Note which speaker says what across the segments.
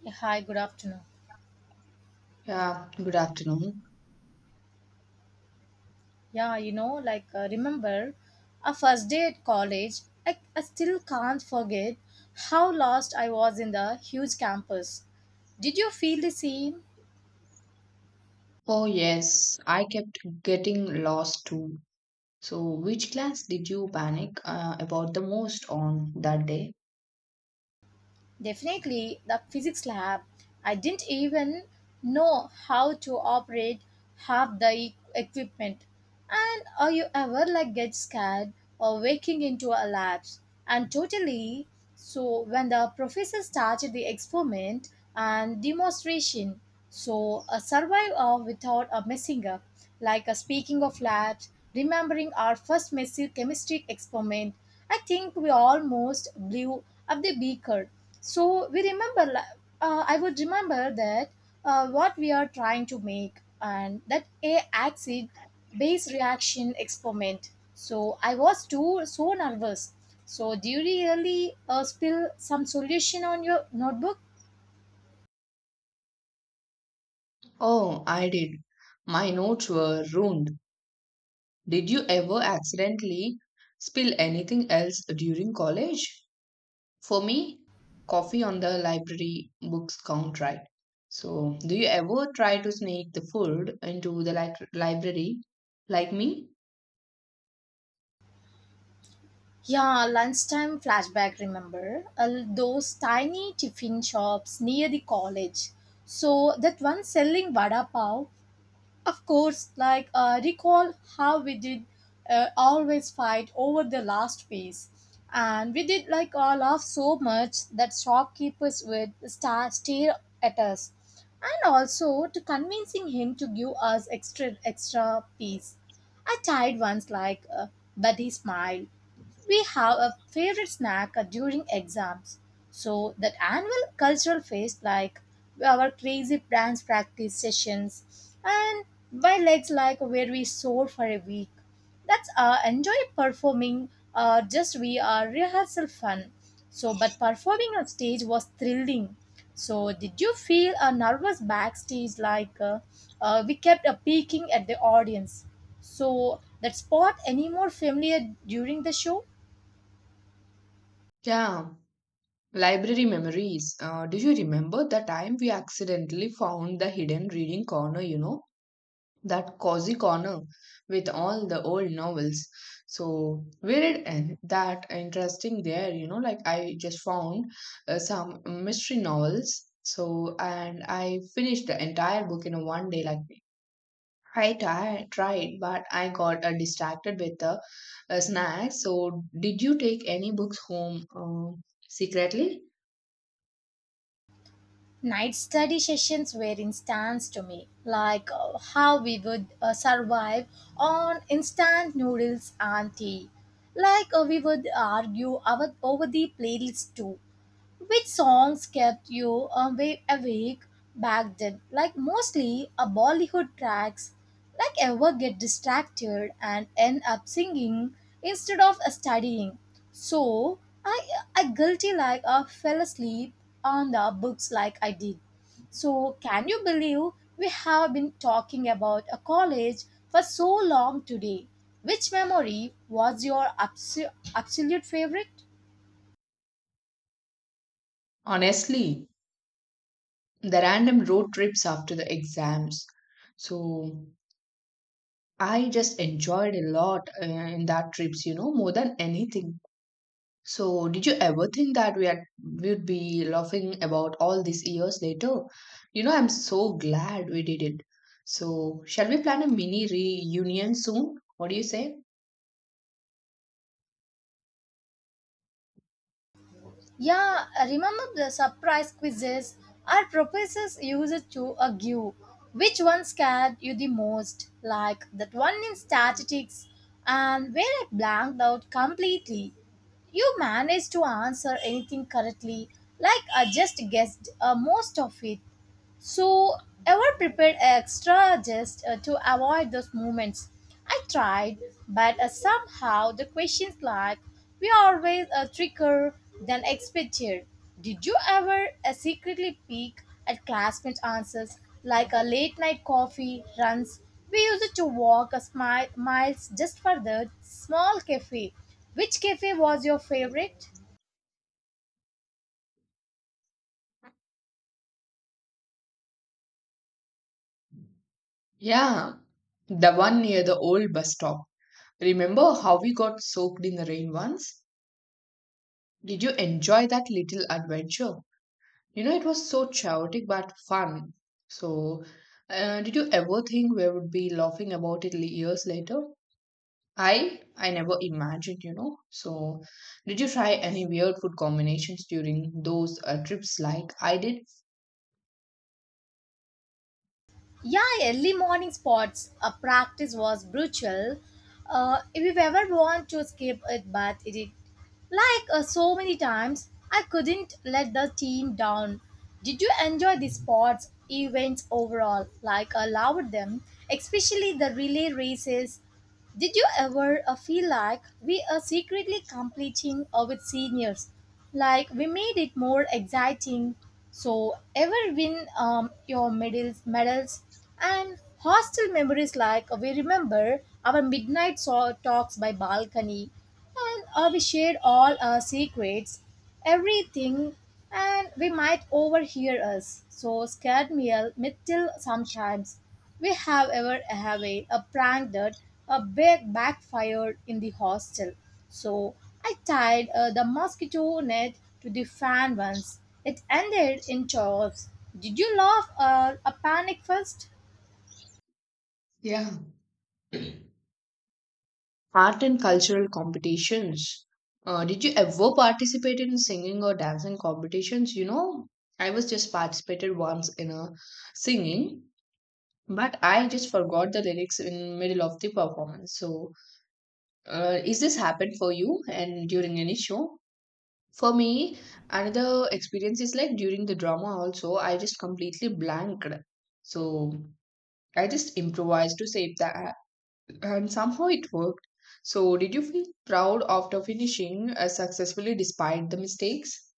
Speaker 1: Yeah, hi, good afternoon.
Speaker 2: Yeah, good afternoon.
Speaker 1: Yeah, like remember our first day at college, I still can't forget how lost I was in the huge campus. Did you feel the same?
Speaker 2: Oh, yes, I kept getting lost too. So, which class did you panic about the most on that day?
Speaker 1: Definitely, the physics lab. I didn't even know how to operate half the equipment. And are you ever like get scared or waking into a lapse? And totally. So when the professor started the experiment and demonstration, so a survivor without a messing up, like a speaking of labs, remembering our first messy chemistry experiment, I think we almost blew up the beaker so we remember I would remember that what we are trying to make and that a acid base reaction experiment so I was too so nervous so do you really spill some solution on your notebook
Speaker 2: Oh, I did. My notes were ruined. Did you ever accidentally spill anything else during college? For me, coffee on the library books count right. So, do you ever try to sneak the food into the library like me?
Speaker 1: yeah lunchtime flashback remember those tiny tiffin shops near the college so that one selling vada pav. Of course, like recall how we did always fight over the last piece. And we did like laugh so much that shopkeepers would stare at us. And also to convincing him to give us extra extra piece. I tried once like, but he smiled we have a favorite snack during exams. So that annual cultural feast like our crazy dance practice sessions and by legs like where we soar for a week. That's enjoy performing just we are rehearsal fun. So but performing on stage was thrilling. So did you feel a nervous backstage we kept peeking at the audience? So that spot any more familiar during the show?
Speaker 2: Yeah, library memories. Do you remember the time we accidentally found the hidden reading corner, you know, that cozy corner with all the old novels? So, we that interesting there, you know, like I just found some mystery novels. So, and I finished the entire book in a one day, like I tried, but I got distracted with the snacks. So, did you take any books home secretly?
Speaker 1: Night study sessions were instance to me, like how we would survive on instant noodles and tea. Like we would argue our, over the playlists too. Which songs kept you away awake back then? Like mostly a Bollywood tracks. Like ever get distracted and end up singing instead of studying. So I guilty like I fell asleep on the books like I did. So can you believe we have been talking about a college for so long today? Which memory was your absolute favorite?
Speaker 2: Honestly, the random road trips after the exams. So I just enjoyed a lot in that trips, you know, more than anything. So did you ever think that we had would be laughing about all these years later? You know, I'm so glad we did it. So shall we plan a mini reunion soon? What do you say?
Speaker 1: Yeah, remember the surprise quizzes our professors used to give. Which one scared you the most? Like that one in statistics, and where I blanked out completely. You managed to answer anything correctly, like I just guessed most of it. So, ever prepared extra just to avoid those moments? I tried, but somehow the questions like we always a trickier than expected. Did you ever secretly peek at classmates' answers like a late night coffee runs? We used to walk a smile miles just for the small cafe. Which cafe was your favorite?
Speaker 2: Yeah, the one near the old bus stop. Remember how we got soaked in the rain once? Did you enjoy that little adventure? You know, it was so chaotic but fun. So, did you ever think we would be laughing about it years later? I never imagined, you know. So, did you try any weird food combinations during those trips like I did?
Speaker 1: Yeah, early morning sports practice was brutal. If you ever want to skip it, but like so many times, I couldn't let the team down. Did you enjoy the sports events overall? Like I loved them, especially the relay races. Did you ever feel like we are secretly competing with seniors? Like we made it more exciting. So ever win your medals and hostel memories like we remember our midnight saw talks by balcony and we shared all our secrets, everything, and we might overhear us. So scared me a little sometimes. We have ever have a prank that a big backfired in the hostel. So I tied the mosquito net to the fan once. It ended in chaos. Did you laugh or a panic first?
Speaker 2: Yeah. Art and cultural competitions. Did you ever participate in singing or dancing competitions? You know, I was just participated once in a singing, but I just forgot the lyrics in middle of the performance. So is this happened for you and during any show? For me, another experience is like during the drama also, I just completely blanked. So I just improvised to save that and somehow it worked. So did you feel proud after finishing successfully despite the mistakes?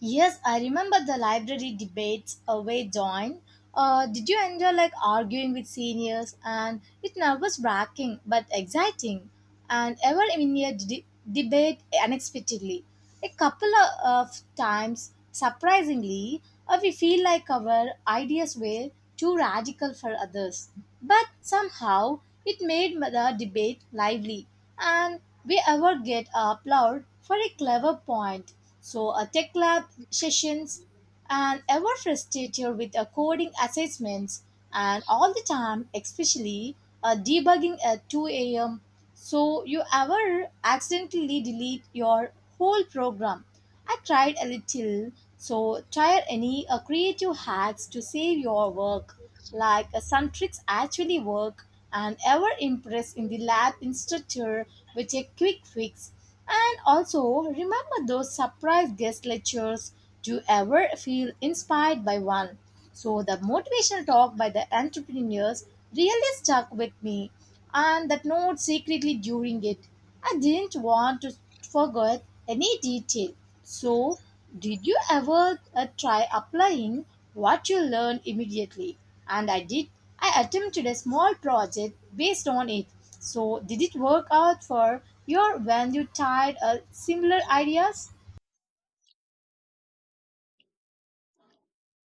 Speaker 1: Yes, I remember the library debates way down. Did you enjoy like arguing with seniors? And it nervous wracking but exciting. And ever in a debate unexpectedly, a couple of times surprisingly, we feel like our ideas were too radical for others. But somehow it made the debate lively and we ever get applauded for a clever point. So a tech lab sessions and ever frustrated with a coding assessments and all the time, especially debugging at 2 a.m. So you ever accidentally delete your whole program I tried a little, so try any creative hacks to save your work. Like some tricks actually work and ever impress in the lab instructor with a quick fix. And also remember those surprise guest lectures. Do you ever feel inspired by one? So the motivational talk by the entrepreneurs really stuck with me and that note secretly during it. I didn't want to forget any detail. So, did you ever try applying what you learned immediately? And I did. I attempted a small project based on it. So, did it work out for your when you tried similar ideas?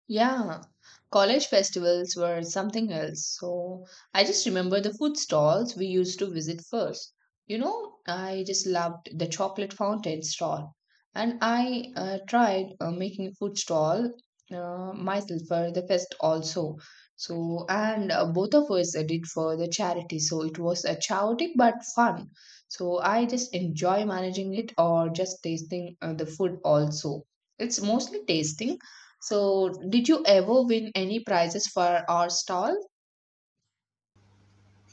Speaker 2: Yeah, college festivals were something else. So I just remember the food stalls we used to visit first. You know, I just loved the chocolate fountain stall. And I tried making a food stall myself for the fest also. So, and both of us did for the charity. So it was a chaotic but fun. So I just enjoy managing it or just tasting the food also. It's mostly tasting. So, did you ever win any prizes for our stall?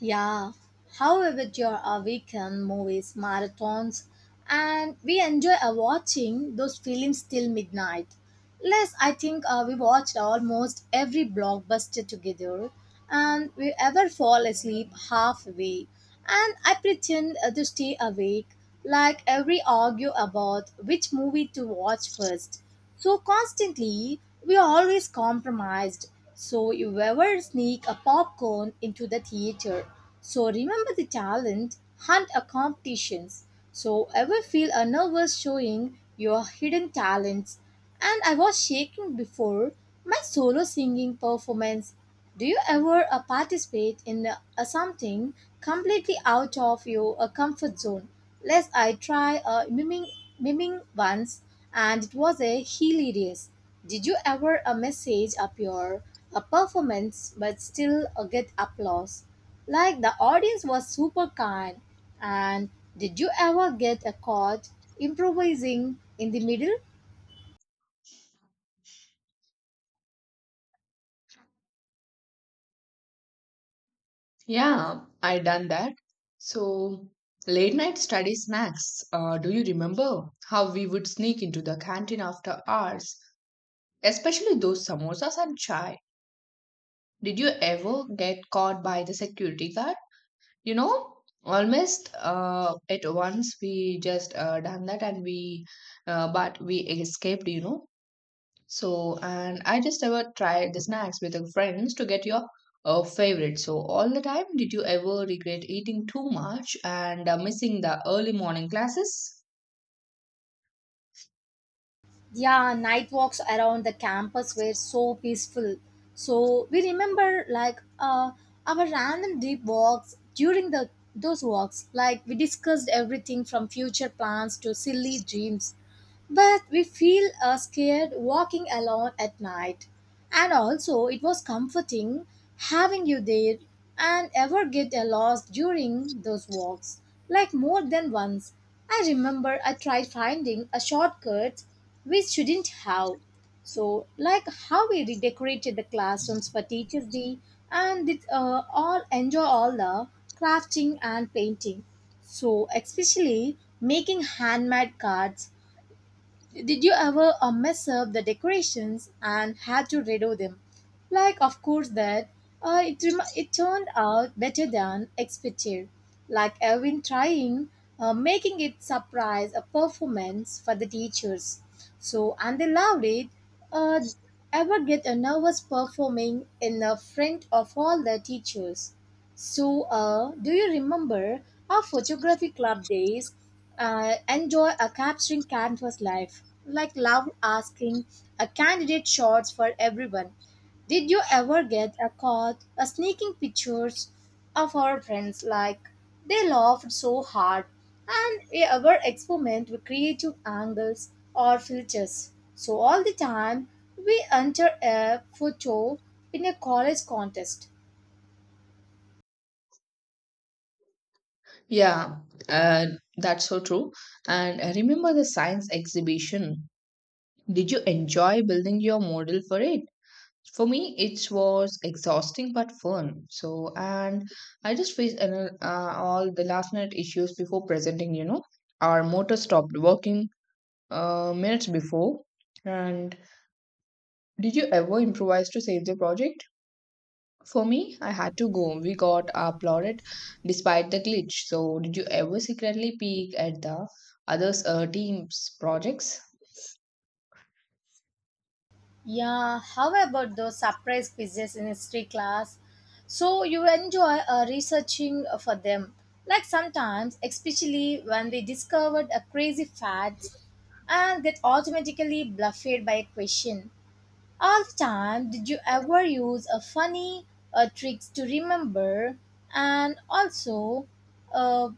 Speaker 1: Yeah. However, there are weekend movies, marathons, and we enjoy watching those films till midnight. Less, I think we watched almost every blockbuster together, and we ever fall asleep halfway. And I pretend to stay awake, like every argue about which movie to watch first. So constantly, we are always compromised. So you ever sneak a popcorn into the theater. So remember the talent hunt a competitions. So ever feel a nervous showing your hidden talents. And I was shaking before my solo singing performance do you ever participate in something completely out of your comfort zone? Lest I try miming once and it was a hilarious. Did you ever message up your performance but still get applause? Like the audience was super kind. And did you ever get caught improvising in the middle?
Speaker 2: Yeah, I done that. So, late night study snacks. Do you remember how we would sneak into the canteen after hours, especially those samosas and chai? Did you ever get caught by the security guard? You know, almost at once we just done that, and we, but we escaped. You know. So, and I just ever tried the snacks with your friends to get your favorite. So, all the time, did you ever regret eating too much and missing the early morning classes?
Speaker 1: Yeah night walks around the campus were so peaceful so we remember like our random deep walks during the those walks like we discussed everything from future plans to silly dreams but we feel scared walking alone at night. And also, it was comforting having you there and ever get lost during those walks. Like more than once, I remember I tried finding a shortcut we shouldn't have. So, like how we redecorated the classrooms for Teachers Day and did all enjoy all the crafting and painting. So, especially making handmade cards did you ever mess up the decorations and had to redo them? Like, of course, that it, it turned out better than expected. Like Erwin trying, making it surprise a performance for the teachers. So, and they loved it. Uh, ever get a nervous performing in the front of all the teachers? So, do you remember our photography club days? Enjoy a capturing canvas life, like love asking a candidate shots for everyone. Did you ever get a caught a sneaking pictures of our friends? Like they laughed so hard, and we ever experiment with creative angles or filters. So all the time we enter a photo in a college contest.
Speaker 2: Yeah, uh, that's so true. And remember the science exhibition. Did you enjoy building your model for it? For me, it was exhausting but fun. So, and I just faced an, all the last minute issues before presenting, you know. Our motor stopped working minutes before. And did you ever improvise to save the project? For me, I had to go. We got applauded despite the glitch. So, did you ever secretly peek at the others' team's projects?
Speaker 1: Yeah, how about those surprise quizzes in history class? So you enjoy researching for them. Like sometimes, especially when we discovered a crazy fact and get automatically bluffed by a question. All the time, did you ever use a funny tricks to remember? And also, uh,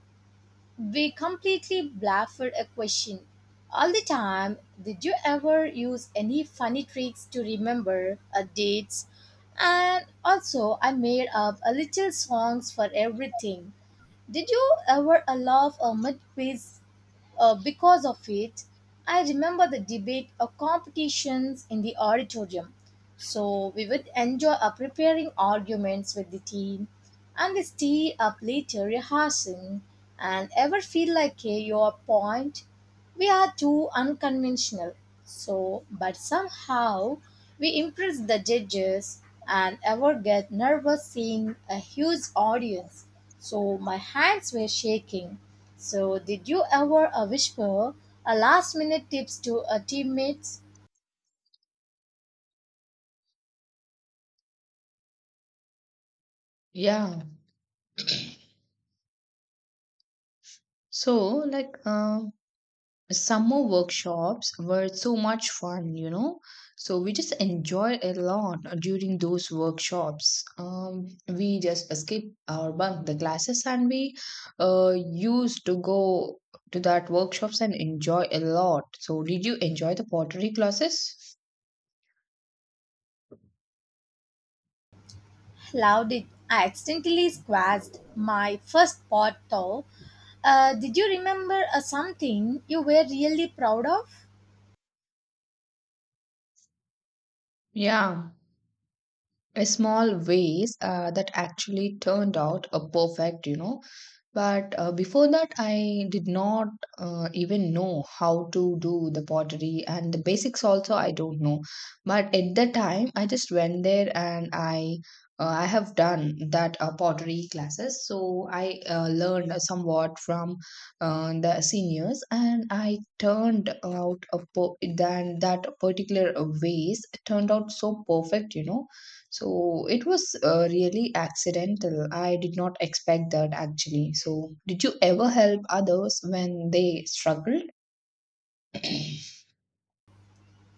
Speaker 1: we completely baffled a question all the time. Did you ever use any funny tricks to remember dates? And also, I made up a little songs for everything. Did you ever laugh midways because of it? I remember the debate or competitions in the auditorium. So we would enjoy preparing arguments with the team and they stay up later rehearsing and ever feel like your point we are too unconventional. So, but somehow we impress the judges and ever get nervous seeing a huge audience. So, my hands were shaking. So, did you ever whisper a last minute tips to a teammates?
Speaker 2: Yeah. So, like, summer workshops were so much fun, you know. So we just enjoyed a lot during those workshops. We just skip or bunk the classes, and we used to go to that workshops and enjoy a lot. So did you enjoy the pottery classes?
Speaker 1: Loud it. I accidentally squashed my first pot though. Did you remember something you were really proud of?
Speaker 2: Yeah, a small vase, that actually turned out a perfect, you know. But before that, I did not even know how to do the pottery, and the basics also I don't know. But at the time, I just went there and I have done that pottery classes. So I learned somewhat from the seniors and I turned out a then that particular vase turned out so perfect, you know. So it was really accidental. I did not expect that actually. So, did you ever help others when they struggled?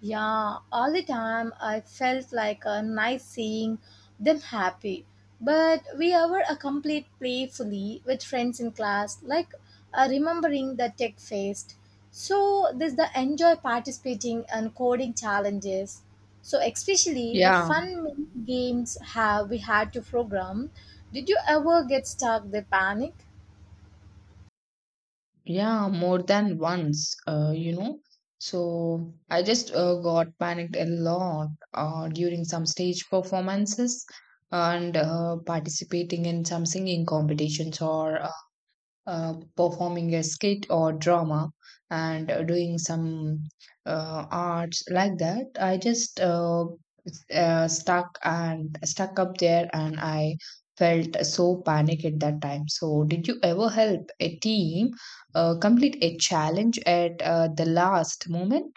Speaker 1: Yeah, all the time I felt like a nice seeing them happy. But we ever a complete playfully with friends in class, like remembering the tech fest. So this the enjoy participating and coding challenges. So especially the
Speaker 2: Yeah,
Speaker 1: fun games have we had to program. Did you ever get stuck the panic?
Speaker 2: yeah, more than once, you know. So I just got panicked a lot during some stage performances and participating in some singing competitions or performing a skit or drama, and doing some arts like that. I just stuck and stuck up there, and I felt so panic at that time. So did you ever help a team complete a challenge at the last moment?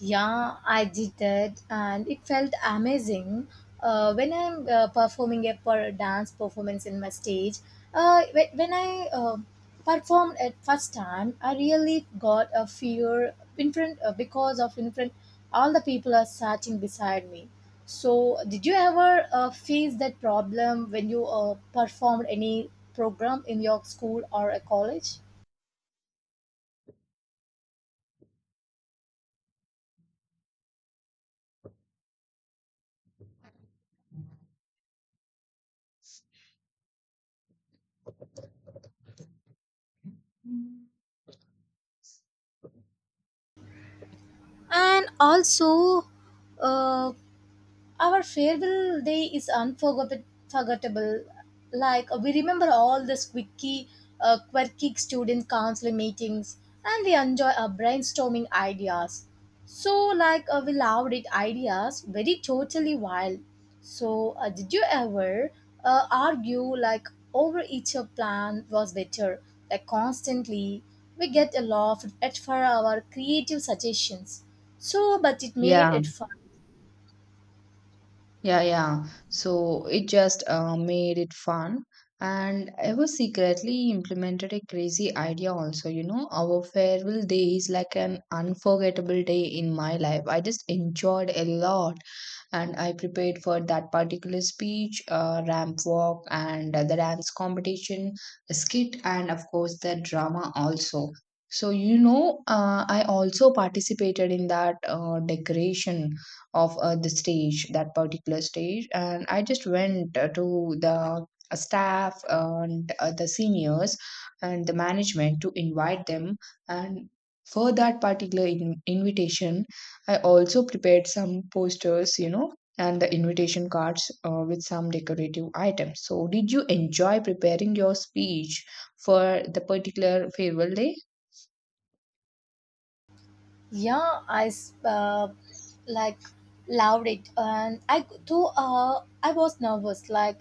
Speaker 1: Yeah, I did that, and it felt amazing. When I'm performing a dance performance in my stage, when I performed at first time, I really got a fear in front because of in front all the people are sitting beside me. So, did you ever face that problem when you performed any program in your school or a college? And also, uh, our farewell day is unforgettable. Like we remember all the squeaky, quirky student council meetings, and we enjoy our brainstorming ideas. So, like we loved it ideas very totally wild. So, did you ever argue, like, over each your plan was better? Like constantly, we get a laugh at for our creative suggestions. So, but it made
Speaker 2: yeah
Speaker 1: it fun.
Speaker 2: Yeah, yeah. So it just made it fun. And I was secretly implemented a crazy idea also, you know. Our farewell day is like an unforgettable day in my life. I just enjoyed a lot, and I prepared for that particular speech, ramp walk, and the dance competition, skit, and of course the drama also. So, you know, I also participated in that decoration of the stage, that particular stage, and I just went to the staff and the seniors and the management to invite them, and for that particular invitation I also prepared some posters, you know, and the invitation cards with some decorative items. So, did you enjoy preparing your speech for the particular farewell day?
Speaker 1: Yeah, like, loved it and I too. I was nervous, like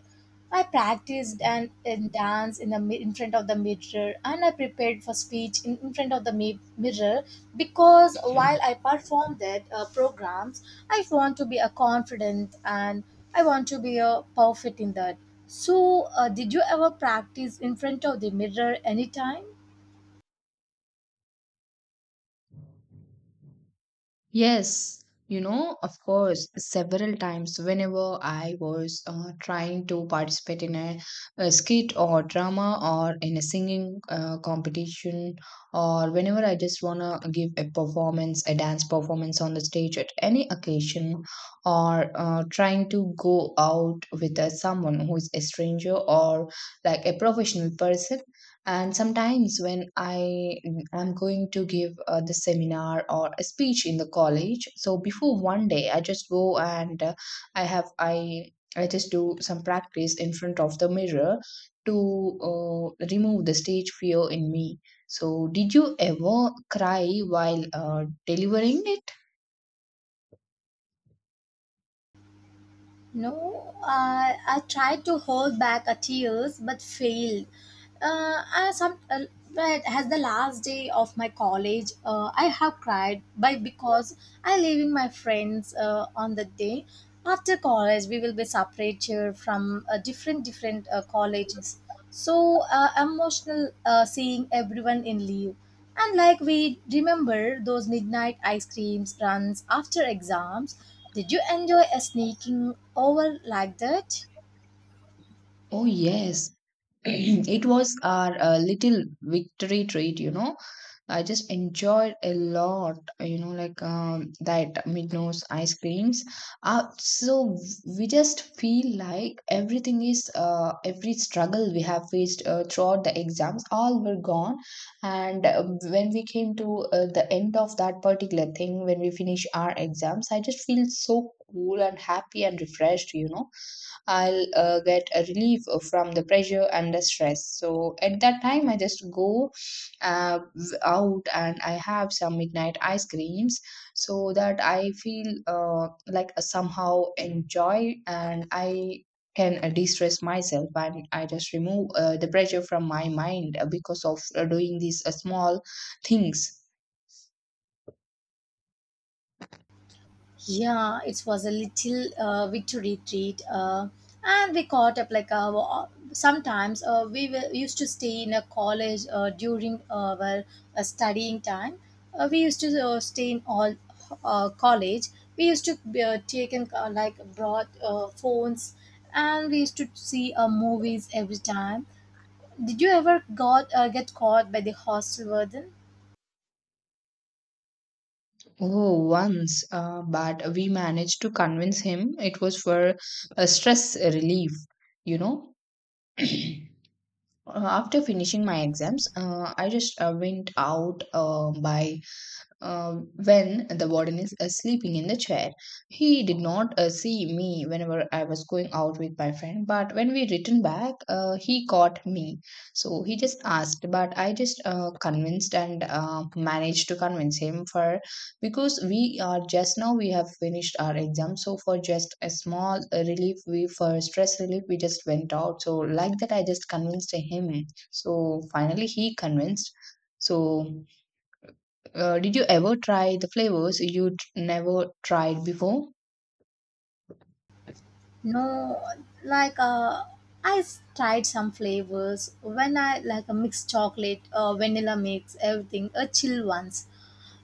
Speaker 1: I practiced and dance in the in front of the mirror, and I prepared for speech in front of the mirror, because while I perform that programs, I want to be a confident and I want to be a perfect in that. So, did you ever practice in front of the mirror anytime?
Speaker 2: Yes, you know, of course, several times whenever I was trying to participate in a skit or drama or in a singing competition, or whenever I just wanna give a performance, a dance performance on the stage at any occasion, or trying to go out with someone who is a stranger or like a professional person, and sometimes when I am going to give the seminar or a speech in the college, so before one day, I just go and I have I just do some practice in front of the mirror to remove the stage fear in me. So, did you ever cry while delivering it?
Speaker 1: No, I tried to hold back a tears but failed. I some But as the last day of my college, I have cried by because I leaving my friends on the day after college. We will be separated from different different colleges. So, emotional, seeing everyone in leave. And like we remember those midnight ice creams runs after exams. Did you enjoy a sneaking over like that?
Speaker 2: Oh yes, it was our little victory treat, you know. I just enjoyed a lot, you know, like that Midnos ice creams. So we just feel like everything is, every struggle we have faced throughout the exams, all were gone. And when we came to the end of that particular thing, when we finish our exams, I just feel so cool and happy and refreshed, you know. I'll get a relief from the pressure and the stress. So at that time, I just go out and I have some midnight ice creams, so that I feel like somehow enjoy and I can de-stress myself and I just remove the pressure from my mind because of doing these small things.
Speaker 1: Yeah, it was a little victory treat, and we caught up, like, sometimes we were used to stay in a college during our studying time. We used to stay in all college. We used to take in like broad phones, and we used to see movies every time. Did you ever got get caught by the hostel warden?
Speaker 2: Oh, once, but we managed to convince him it was for a stress relief, you know. After finishing my exams, I just went out by uh, when the warden is sleeping in the chair. He did not see me whenever I was going out with my friend, but when we returned back, he caught me. So he just asked, but I just convinced and managed to convince him for because we are just now we have finished our exam. So for just a small relief, we for stress relief, we just went out. So like that, I just convinced him. So finally, he convinced. So did you ever try the flavors you never tried before?
Speaker 1: No, like tried some flavors when I like a mixed chocolate, vanilla mix, everything, a chill ones.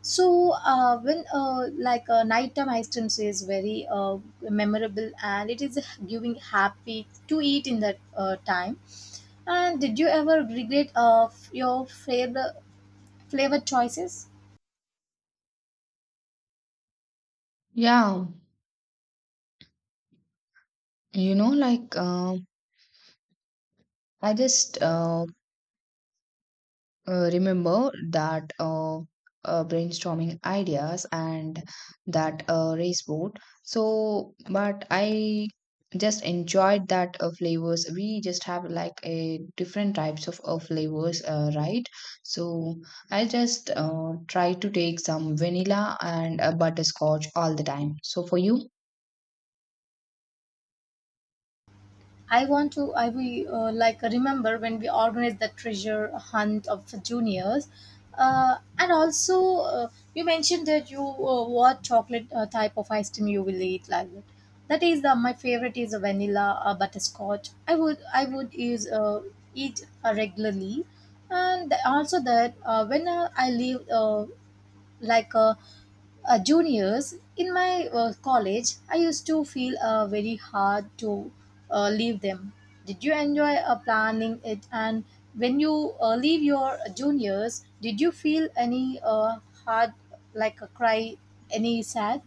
Speaker 1: So, when like a nighttime ice cream is very memorable, and it is giving happy to eat in that time. And did you ever regret your flavor choices?
Speaker 2: Yeah, you know, like I just remember that brainstorming ideas and that race boat. So, but I just enjoyed that flavors. We just have like a different types of flavors, right? So I just try to take some vanilla and butterscotch all the time. So for you?
Speaker 1: I want to. I we Like, remember when we organized the treasure hunt of juniors, and also you mentioned that you what chocolate type of ice cream you will eat like that. That is the my favorite is a vanilla butterscotch. I would use eat regularly. And also that when I leave like uh, juniors in my college, I used to feel very hard to leave them. Did you enjoy planning it? And when you leave your juniors, did you feel any hard, like a cry, any sad?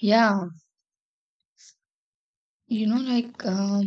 Speaker 2: Yeah, you know, like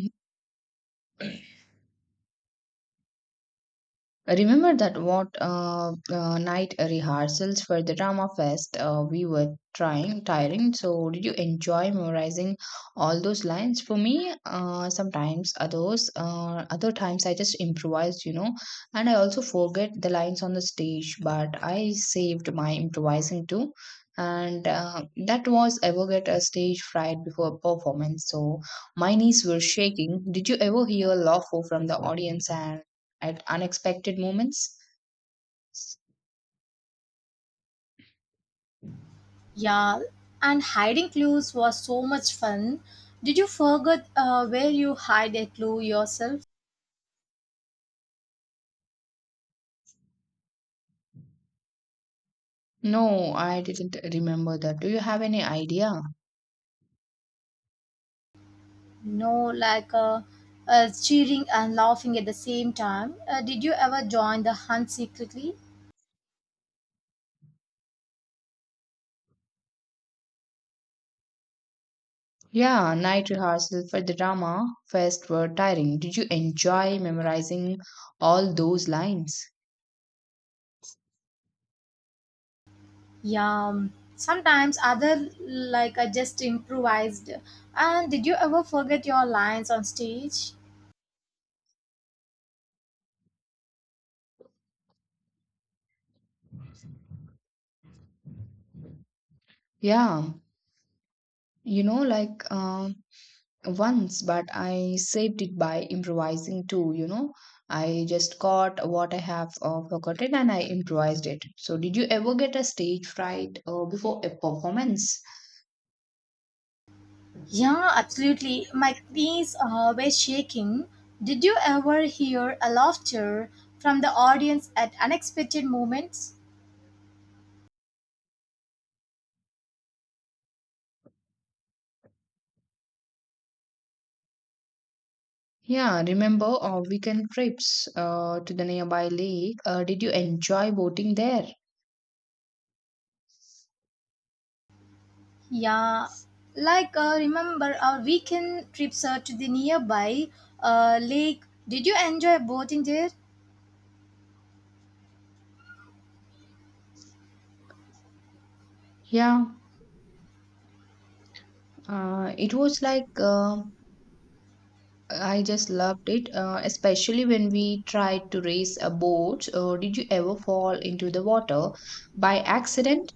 Speaker 2: remember that what night rehearsals for the drama fest we were trying tiring. So did you enjoy memorizing all those lines? For me, sometimes others other times I just improvised, you know, and I also forget the lines on the stage. But I saved my improvising too, and that was ever get a stage fright before a performance. So my knees were shaking. Did you ever hear laughter from the audience and at unexpected moments?
Speaker 1: Yeah. And hiding clues was so much fun. Did you forget where you hide a clue yourself?
Speaker 2: No, I didn't remember that. Do you have any idea?
Speaker 1: No, like cheering and laughing at the same time. Did you ever join the hunt secretly?
Speaker 2: Yeah, night rehearsal for the drama fest were tiring. Did you enjoy memorizing all those lines?
Speaker 1: Yeah, sometimes other, like, I just improvised. And did you ever forget your lines on stage?
Speaker 2: Yeah, you know, like once, but I saved it by improvising too, you know. I just caught what I have forgotten and I improvised it. So, did you ever get a stage fright before a performance?
Speaker 1: Yeah, absolutely. My knees were shaking. Did you ever hear a laughter from the audience at unexpected moments?
Speaker 2: Yeah, remember our weekend trips to the nearby lake? Did you enjoy boating there?
Speaker 1: Yeah, like remember our weekend trips to the nearby lake. Did you enjoy boating there?
Speaker 2: Yeah, it was like I just loved it, especially when we tried to race a boat. Did you ever fall into the water by accident?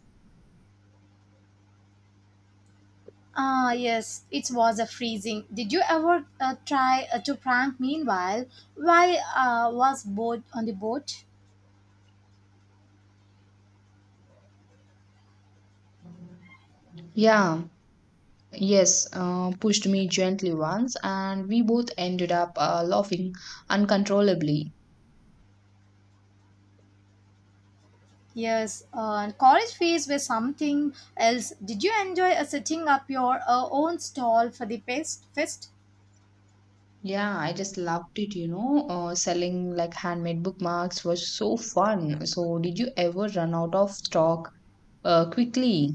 Speaker 1: Ah, yes, it was a freezing. Did you ever try to prank meanwhile? Why was boat on the boat?
Speaker 2: Yeah, yes, pushed me gently once, and we both ended up laughing uncontrollably.
Speaker 1: Yes, and college fees were something else. Did you enjoy setting up your own stall for the fest? Fest?
Speaker 2: Yeah, I just loved it, you know. Selling like handmade bookmarks was so fun. So, did you ever run out of stock quickly?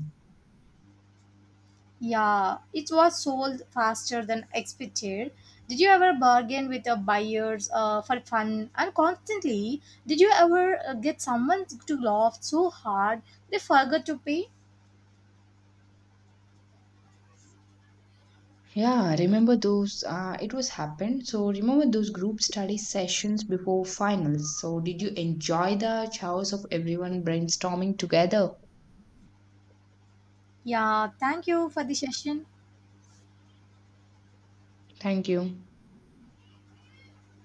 Speaker 1: Yeah, it was sold faster than expected. Did you ever bargain with your buyers for fun and constantly? Did you ever get someone to laugh so hard they forgot to pay?
Speaker 2: Yeah, remember those? It was happened. So, remember those group study sessions before finals? So, did you enjoy the chaos of everyone brainstorming together?
Speaker 1: Yeah, thank you for the session.
Speaker 2: Thank you.